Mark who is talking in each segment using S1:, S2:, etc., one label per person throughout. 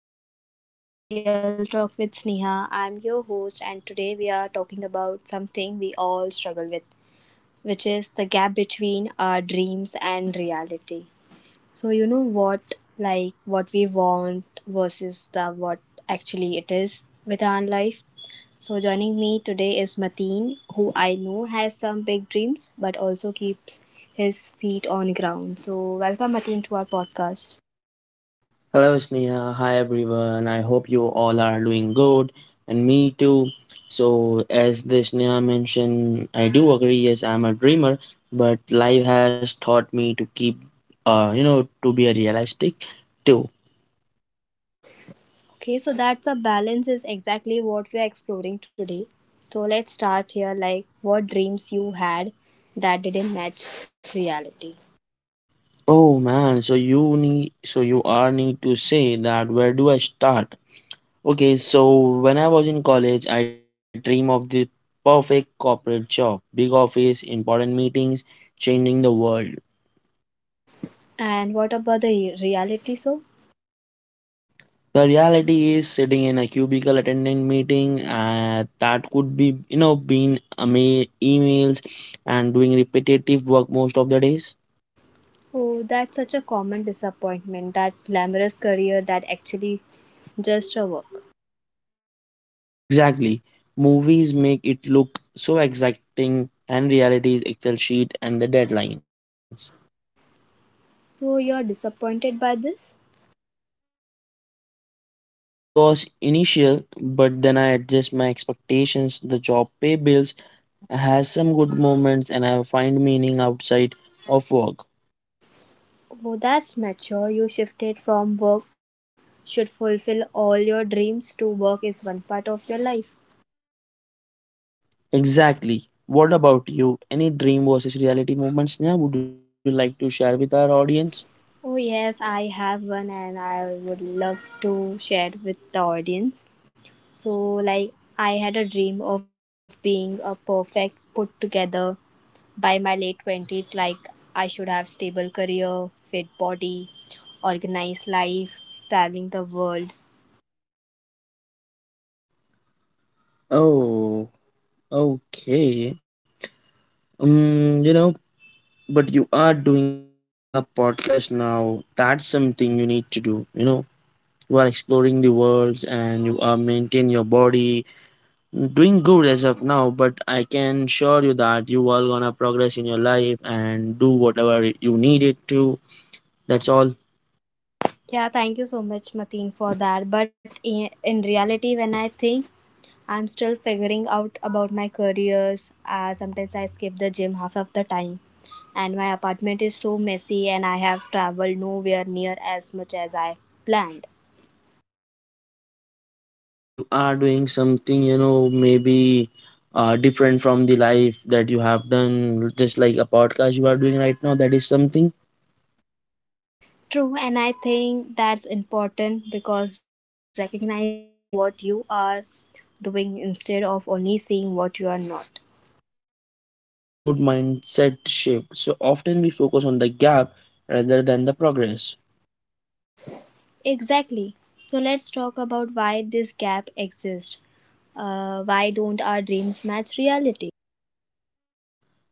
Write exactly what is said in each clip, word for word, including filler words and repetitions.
S1: everyone, welcome to the Real Talk with Sneha. I'm your host, and today we are talking about something we all struggle with, which is the gap between our dreams and reality. So, you know what, like what we want versus the what actually it is with our life. So, joining me today is Mateen, who I know has some big dreams but also keeps his feet on ground. So, welcome Mateen to our podcast.
S2: Hello, Sneha. Hi, everyone. I hope you all are doing good, and me too. So, as the Sneha mentioned, I do agree. Yes, I'm a dreamer, but life has taught me to keep, uh, you know, to be a realistic too.
S1: Okay, so that's a balance is exactly what we are exploring today. So let's start here like what dreams you had that didn't match reality.
S2: Oh man, so you need, so you are need to say that. Where do I start? Okay, so when I was in college, I dream of the perfect corporate job, big office, important meetings, changing the world.
S1: And what about the re- reality so?
S2: The reality is sitting in a cubicle attending meeting uh, that could be you know being ama- emails and doing repetitive work most of the days.
S1: Oh, that's such a common disappointment that glamorous career that actually just a work.
S2: Exactly. Movies make it look so exciting and reality is Excel sheet and the deadlines.
S1: So you're disappointed by this?
S2: I was initial but then I adjust my expectations. The job pay bills has some good moments and I find meaning outside of work.
S1: Oh, that's mature. You shifted from work should fulfill all your dreams to work is one part of your life.
S2: Exactly. What about you? Any dream versus reality moments now would you like to share with our audience?
S1: Oh, yes, I have one and I would love to share it with the audience. So, like, I had a dream of being a perfect put together by my late twenties. Like, I should have stable career, fit body, organized life, traveling the world.
S2: Oh, okay. Um, you know, but you are doing a podcast now. That's something you need to do. You know, you are exploring the worlds and you are maintaining your body. mm, Doing good as of now, but I can assure you that you are gonna progress in your life and do whatever you needed to. That's all.
S1: Yeah, thank you so much, Mateen, for that. But in, in reality, when I think I'm still figuring out about my careers. Uh, sometimes I skip the gym half of the time, and my apartment is so messy, and I have traveled nowhere near as much as I planned.
S2: Oh, but you are doing something, you know, maybe uh, different from the life that you have done, just like a podcast you are doing right now. That is something.
S1: True, and I think that's important because recognizing what you are doing instead of only seeing what you are not.
S2: That's a good mindset shift. So often we focus on the gap rather than the progress.
S1: Exactly. So let's talk about why this gap exists. Uh, why don't our dreams match reality?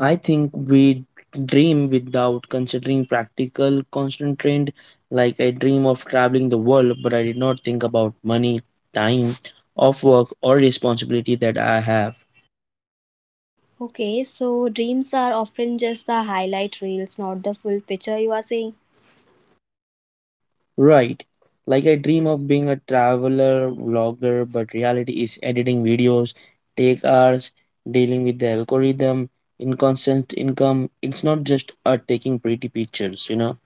S2: I think we dream without considering practical constraint. Like I dream of traveling the world, but I did not think about money, time, of work, or responsibility that I have.
S1: Okay, so dreams are often just the highlight reels, not the full picture, you are saying?
S2: Right. Like I dream of being a traveler vlogger, but reality is editing videos, take hours, dealing with the algorithm, inconstant income. It's not just uh, taking pretty pictures, you know.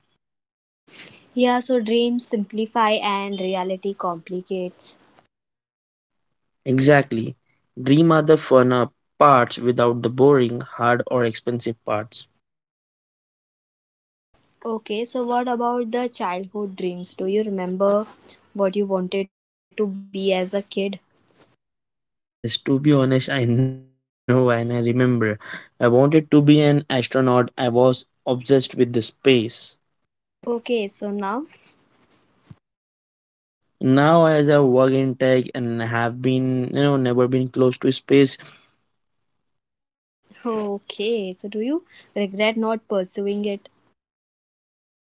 S1: Yeah, so dreams simplify and reality complicates.
S2: Exactly. Dream are the fun uh, parts without the boring, hard, or expensive parts.
S1: Okay, so what about the childhood dreams? Do you remember what you wanted to be as a kid?
S2: Yes, to be honest, I know and I remember. I wanted to be an astronaut. I was obsessed with the space.
S1: Okay, so now,
S2: Now as I work in tech and have been you know never been close to space.
S1: okay, so do you regret not pursuing it?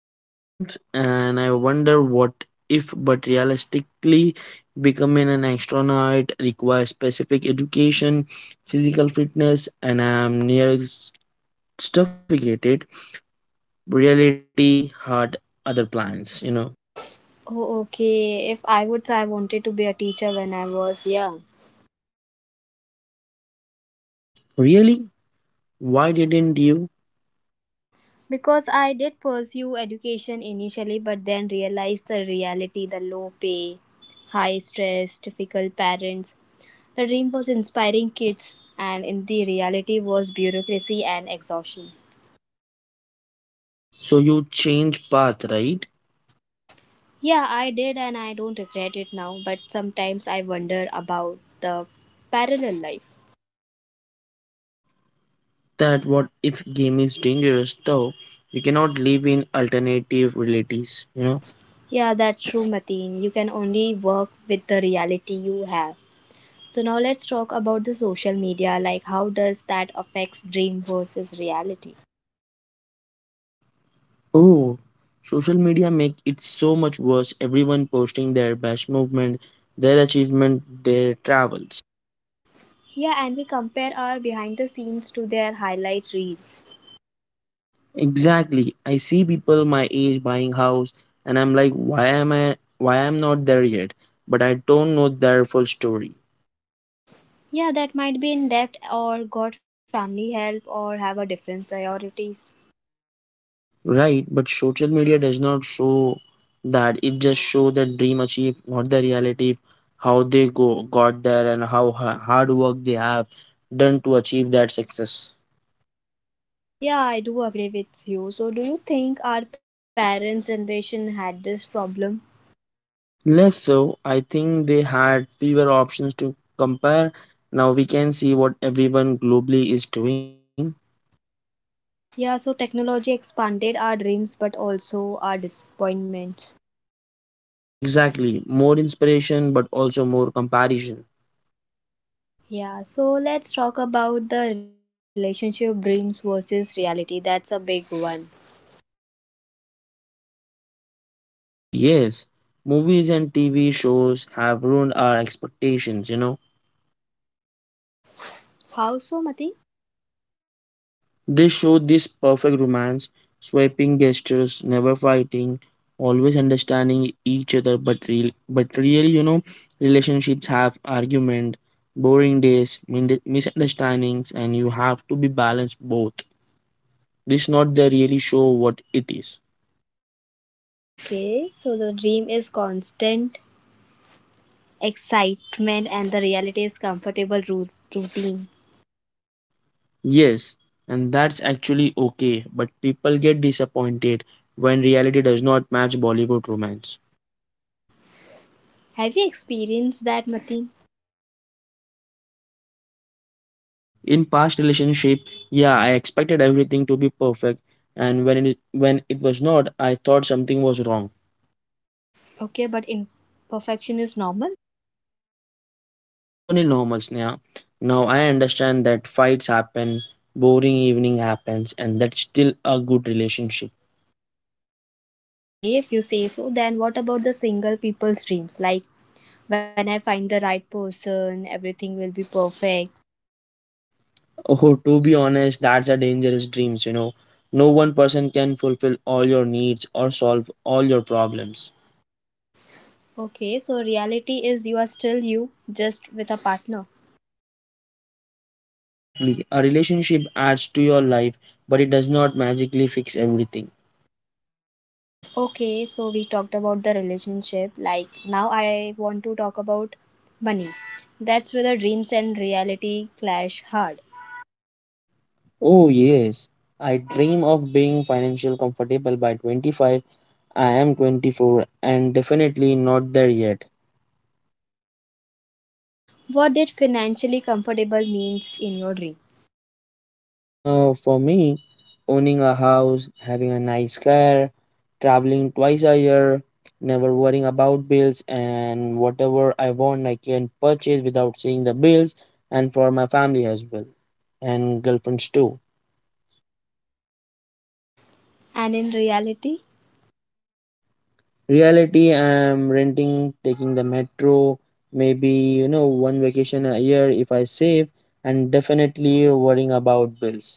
S2: Sometimes and I wonder what if, but realistically becoming an astronaut requires specific education, physical fitness, and I'm nearly s- suffocated. Reality had other plans, you know.
S1: Oh, okay, if I would say I wanted to be a teacher when I was young.
S2: Really, why didn't you?
S1: Because I did pursue education initially, but then realized the reality the low pay, high stress, difficult parents. The dream was inspiring kids, and in the reality was bureaucracy and exhaustion.
S2: So you change path, right?
S1: Yeah, I did, and I don't regret it now, but sometimes I wonder about the parallel life.
S2: That what if game is dangerous though. We cannot live in alternative realities, you know.
S1: Yeah, that's true, Mateen. You can only work with the reality you have. So now let's talk about the social media like how does that affects dream versus reality?
S2: Oh, social media make it so much worse. Everyone posting their best movement, their achievement, their travels.
S1: Yeah, and we compare our behind the scenes to their highlight reels.
S2: Exactly, I see people my age buying house and I'm like, why am i why I'm not there yet, but I don't know their full story.
S1: Yeah, that might be in depth, or got family help or have a different priorities.
S2: Right, but social media does not show that. It just show the dream achieved, not the reality, how they go got there and how ha- hard work they have done to achieve that success.
S1: Yeah, I do agree with you. So, do you think our parents' generation had this problem?
S2: Less so, I think they had fewer options to compare. Now we can see what everyone globally is doing.
S1: Yeah, so technology expanded our dreams but also our disappointments.
S2: Exactly, more inspiration, but also more comparison.
S1: Yeah, so let's talk about the relationship dreams versus reality. That's a big one.
S2: Oh yes, movies and T V shows have ruined our expectations. You know,
S1: How so, Mati?
S2: they show this perfect romance, swiping gestures, never fighting, always understanding each other. But real, but really, you know, relationships have argument, boring days, min- misunderstandings, and you have to be balanced both. This not the really show what it is.
S1: Okay, so the dream is constant excitement and the reality is comfortable ru- routine.
S2: Yes, and that's actually okay. But people get disappointed when reality does not match Bollywood romance.
S1: Have you experienced that, Mati?
S2: In past relationship, yeah, I expected everything to be perfect, and when it when it was not I thought something was wrong.
S1: Okay, but imperfection is normal.
S2: Totally normal, Sneha. Now I understand that fights happen, boring evening happens, and that's still a good relationship.
S1: Okay, if you say so, then what about the single people's dreams? Like when I find the right person, everything will be perfect.
S2: Oh, to be honest, that's a dangerous dreams, you know. No one person can fulfill all your needs or solve all your problems.
S1: Okay, so reality is you are still you, just with a partner.
S2: Exactly, a relationship adds to your life, but it does not magically fix everything.
S1: Okay, so we talked about the relationship. Like now, I want to talk about money. That's where the dreams and reality clash hard.
S2: Oh, yes. I dream of being financially comfortable by twenty-five. I am twenty-four and definitely not there yet.
S1: What did financially comfortable means in your dream
S2: Uh, for me, owning a house, having a nice car, traveling twice a year, never worrying about bills, and whatever I want, I can purchase without seeing the bills, and for my family as well, and girlfriends too.
S1: and in reality?
S2: Reality, I'm renting, taking the metro, maybe, you know, one vacation a year if I save, and definitely worrying about bills.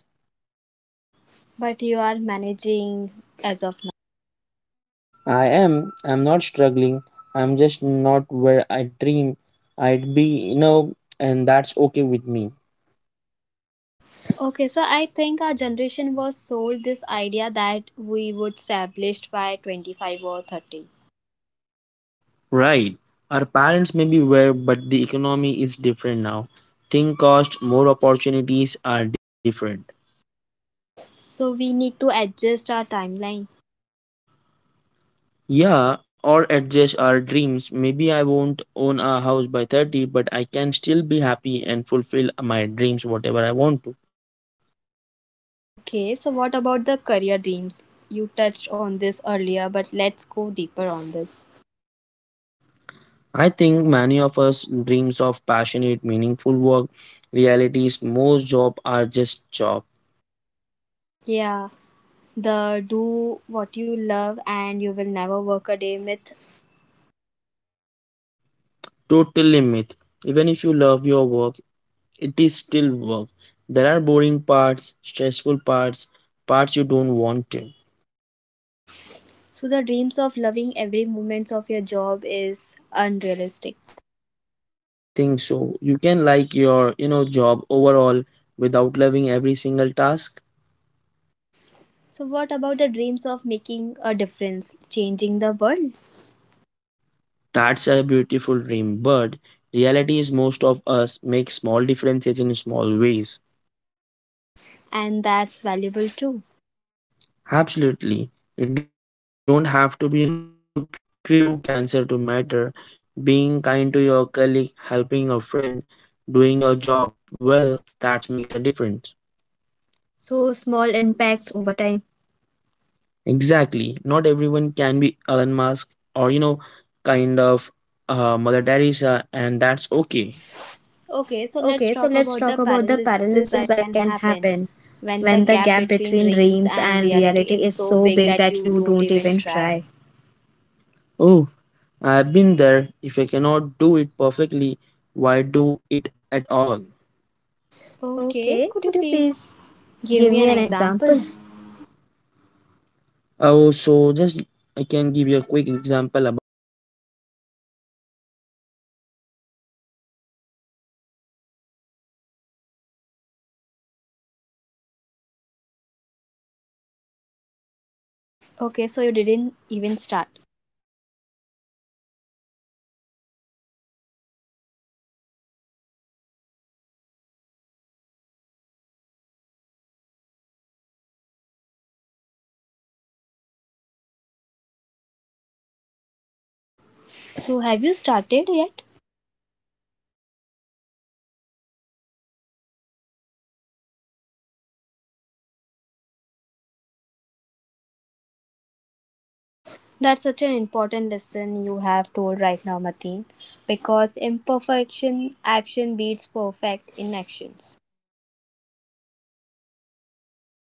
S1: But you are managing as of now.
S2: I am, I'm not struggling, I'm just not where I dream I'd be, you know, and that's okay with me.
S1: Okay, so I think our generation was sold this idea that we would established by twenty-five or thirty.
S2: Right. Our parents may be where, but the economy is different now. Thing cost, more opportunities are different.
S1: So we need to adjust our timeline.
S2: Yeah, or adjust our dreams. Maybe I won't own a house by thirty, but I can still be happy and fulfill my dreams, whatever I want to.
S1: Okay, so what about the career dreams? You touched on this earlier, but let's go deeper on this.
S2: I think many of us dreams of passionate, meaningful work. Reality is most job are just job.
S1: Yeah, the do what you love and you will never work a day myth.
S2: Totally myth. Even if you love your work, it is still work. There are boring parts, stressful parts, parts you don't want to.
S1: So the dreams of loving every moment of your job is unrealistic.
S2: I think so. You can like your, you know, job overall without loving every single task.
S1: So what about the dreams of making a difference, changing the world?
S2: That's a beautiful dream, but reality is most of us make small differences in small ways.
S1: And that's valuable too.
S2: Absolutely. You don't have to be, you know, crew cancer to matter. Being kind to your colleague, helping a friend, doing your job well, that makes a difference.
S1: So small impacts over time.
S2: Exactly. Not everyone can be Elon Musk or, you know, kind of uh, Mother Teresa, and that's okay.
S1: Okay, so let's talk about the paralysis that can happen when the gap between dreams and reality is so big that you don't even try.
S2: Oh, I've been there. If I cannot do it perfectly, why do it at all?
S1: Okay, could you
S2: Oh,
S1: please give me an example?
S2: Oh, so just I can give you a quick example about it. I want to start a YouTube channel about tech, but I thought I don't have professional camera editing skill and I'm not expert to make the channel right now.
S1: Okay, so you didn't even start.
S2: I didn't. For two years I just dream about it. Finally I realized I can start small, use my phone, learning edit learning editing slowly, share what I know even if I'm not an expert.
S1: So have you started yet?
S2: I made three videos now. They are not great, but they exist. And that's the better than zero videos from the perfection palace.
S1: That's such an important lesson you have told right now, Mateen, because imperfection action beats perfect inactions.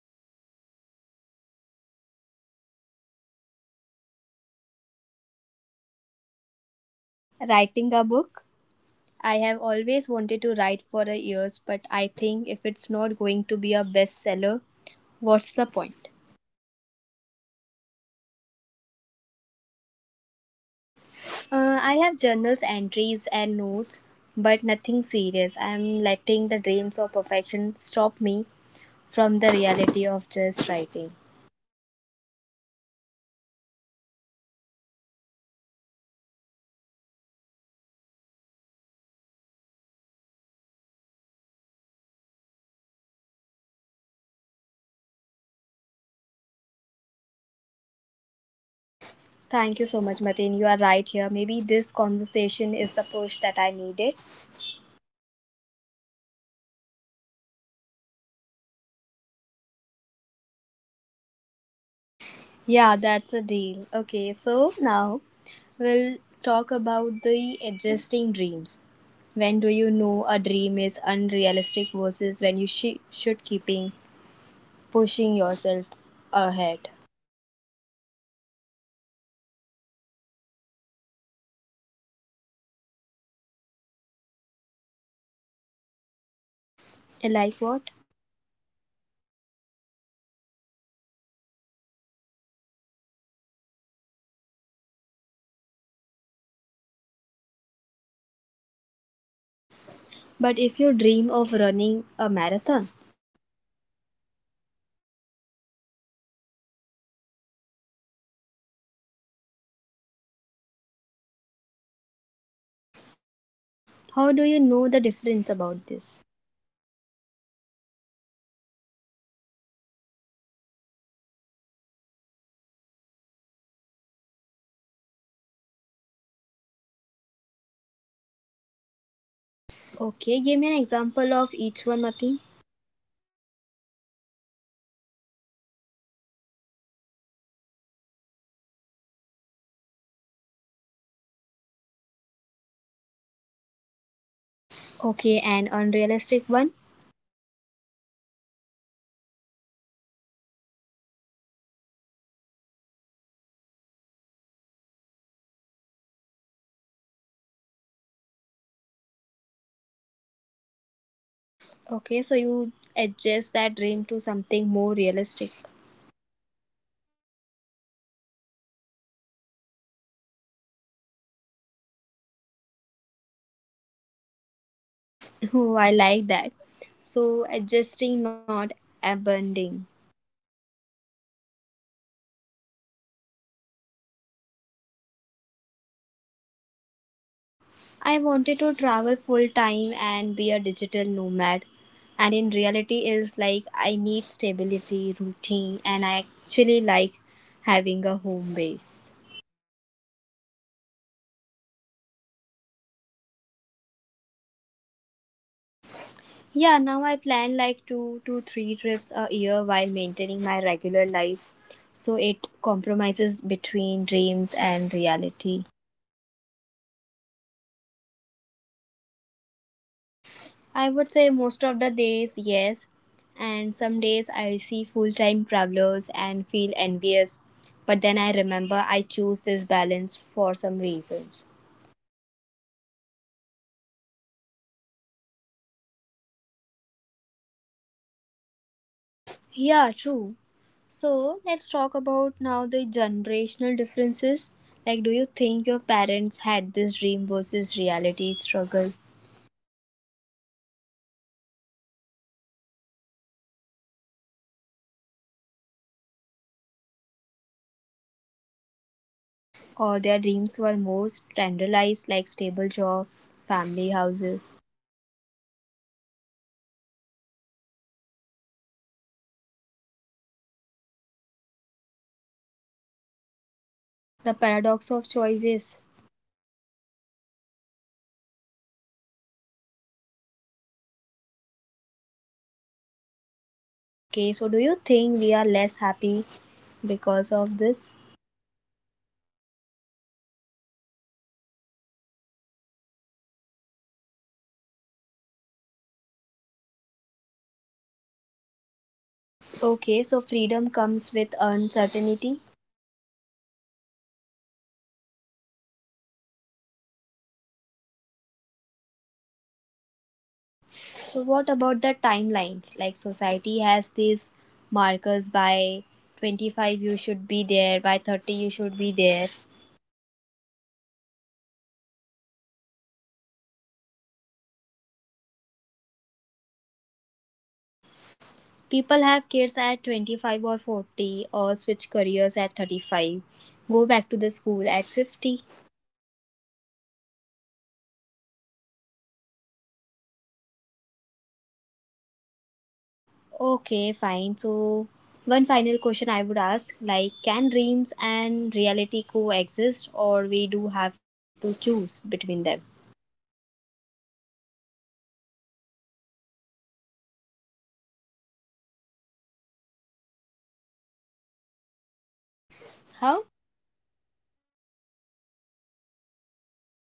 S2: Always. What about you and dreams you have not pursued because of this?
S1: Writing a book? I have always wanted to write for a years, but I think if it's not going to be a bestseller, what's the point?
S2: So you have not written anything yet?
S1: Uh, I have journals, entries, and notes, but nothing serious. I'm letting the dreams of perfection stop me from the reality of just writing.
S2: So I just wanted to say you should just start. Even it is a bad at first, at least you will have the written something and you have a experience about it, how you can write it and how you can, you know, make a perfect book for others.
S1: Thank you so much, Mateen. You are right here. Maybe this conversation is the push that I needed.
S2: Yes. Let's hold each other accountable. I keep making videos, you start writing, right?
S1: Yeah, that's a deal. Okay, so now we'll talk about the adjusting dreams. When do you know a dream is unrealistic versus when you sh- should keeping pushing yourself ahead?
S2: That's a hard. I think you have to be honest with yourself about, you know, constraint.
S1: Like what?
S2: Like if I dream of being an Olympic athlete but I'm twenty-four and never seriously trained, that's probably unrealistic.
S1: But if you dream of running a marathon,
S2: That's achievable with training. So some dreams need adjusting, not abandon, you know, ab- abandoning.
S1: how do you know the difference about this?
S2: I think about resources, time, money, skills. Can I realistically acquire what I need or are there three fundamental barriers?
S1: Okay, give me an example of each one, Mateen.
S2: Okay, so let's start with first dream of traveling the world realistic. If I save money, plan well, maybe work remotely is achievable.
S1: Okay, an unrealistic one.
S2: Dream of, you know, becoming a Bollywood actor at twenty-four with no connections, no acting training, living in Mumbai expenses reality, possibly maybe, you know, probable no.
S1: Okay, so you adjust that dream to something more realistic.
S2: Maybe join a local theater group, take acting classes as a hobby, still pursuing the passion just differently.
S1: Oh, I like that. So, adjusting, not abandoning.
S2: Exactly. What about you and dream that you have adjusted that you wanted to do?
S1: I wanted to travel full time and be a digital nomad. And in reality, is like I need stability, routine, and I actually like having a home base.
S2: So, in this situation, you have adjusted yourself, right?
S1: Yeah, now I plan like two to three trips a year while maintaining my regular life. So it compromises between dreams and reality.
S2: And you are happy with that.
S1: I would say most of the days, yes. And some days I see full time travelers and feel envious. But then I remember I choose this balance for some reasons.
S2: That's mature choice. Knowing why you made your choice helps when you doubt them.
S1: Yeah, true. So let's talk about now the generational differences. Like, do you think your parents had this dream versus reality struggle,
S2: I think they did, but differently. They had fewer options, so maybe fewer dreams to be, you know, disappointed by them.
S1: or their dreams were more standardized, like stable job, family houses?
S2: Yes, you are correct. Now we have, you know, infinity options, which is both freedom and burden.
S1: The paradox of choices.
S2: Exactly. More options mean more path not taken, more what if.
S1: Okay, so do you think we are less happy because of this?
S2: Maybe. But I also think we are, you know, more authentic authentic, but we can pursue what we want, not just what society expects.
S1: Okay, so freedom comes with uncertainty.
S2: Always. Security and freedom often oppose each other.
S1: So, what about the timelines? Like, society has these markers by twenty-five you should be there, by thirty you should be there.
S2: You know, I mean to say those timeline timelines are outdated. Life is not a li- linear anymore.
S1: People have kids at twenty-five or forty or switch careers at thirty-five, go back to the school at fifty.
S2: It is hard but necessary for peace of mind, you know.
S1: Okay, fine. So, one final question I would ask like, can dreams and reality coexist, or we do have to choose between them?
S2: I think they can coexist. Dream inspire us, reality ground us, we need both.
S1: How?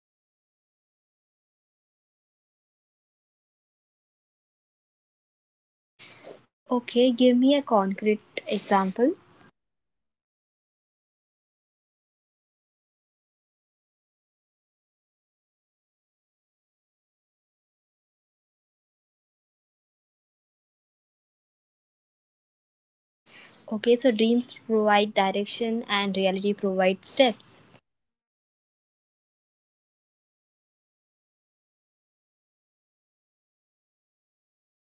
S2: Dream big, plan practically, have long term aspirations while handling daily reality.
S1: Okay, give me a concrete example.
S2: Okay, I dream of financial freedom. That's a big dream. Reality is I work a regular job and save monthly. The dream motivates me to save. The reality keeps me employed.
S1: Okay, so dreams provide direction and reality provides steps.
S2: Exactly. Without dream life feels meaningless. Without ground grounding in reality,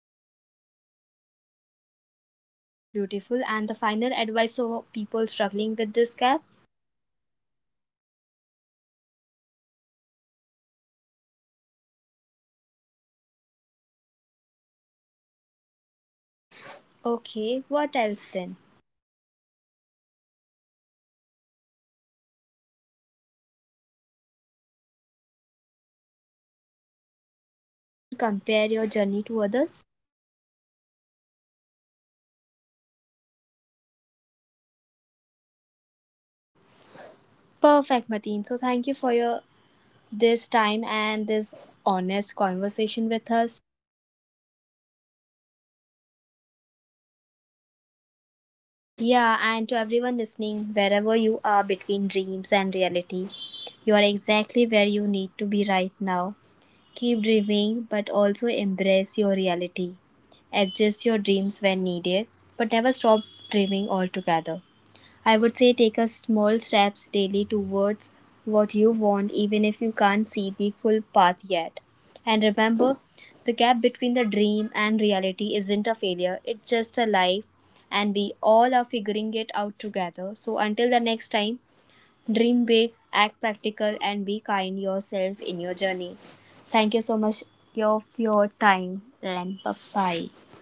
S2: dreams are just, you know, fantasy.
S1: That's a beautiful and the final advice for people struggling with this gap.
S2: Just be patient with yourself. The gap between dream and reality is normal. It does not mean you fail. It means you are human.
S1: Okay, what else then?
S2: Celebrate small wins. You don't have to achieve the whole dream to feel good. Progress is still progress.
S1: And don't compare your journey to others.
S2: Never. Everyone's path is different. Your timeline is your alone.
S1: Perfect, Mateen. So, thank you for your this time and this honest conversation with us.
S2: Thank you, Sneha. This was fun and deep.
S1: Yeah, and to everyone listening, wherever you are between dreams and reality, you are exactly where you need to be right now. Keep dreaming, but also embrace your reality. Adjust your dreams when needed, but never stop dreaming altogether. I would say take a small steps daily towards what you want even if you can't see the full path yet. And remember, the gap between the dream and reality isn't a failure, it's just a life and we all are figuring it out together. So until the next time, dream big, act practical and be kind yourself in your journey. Thank you so much of your time and bye bye.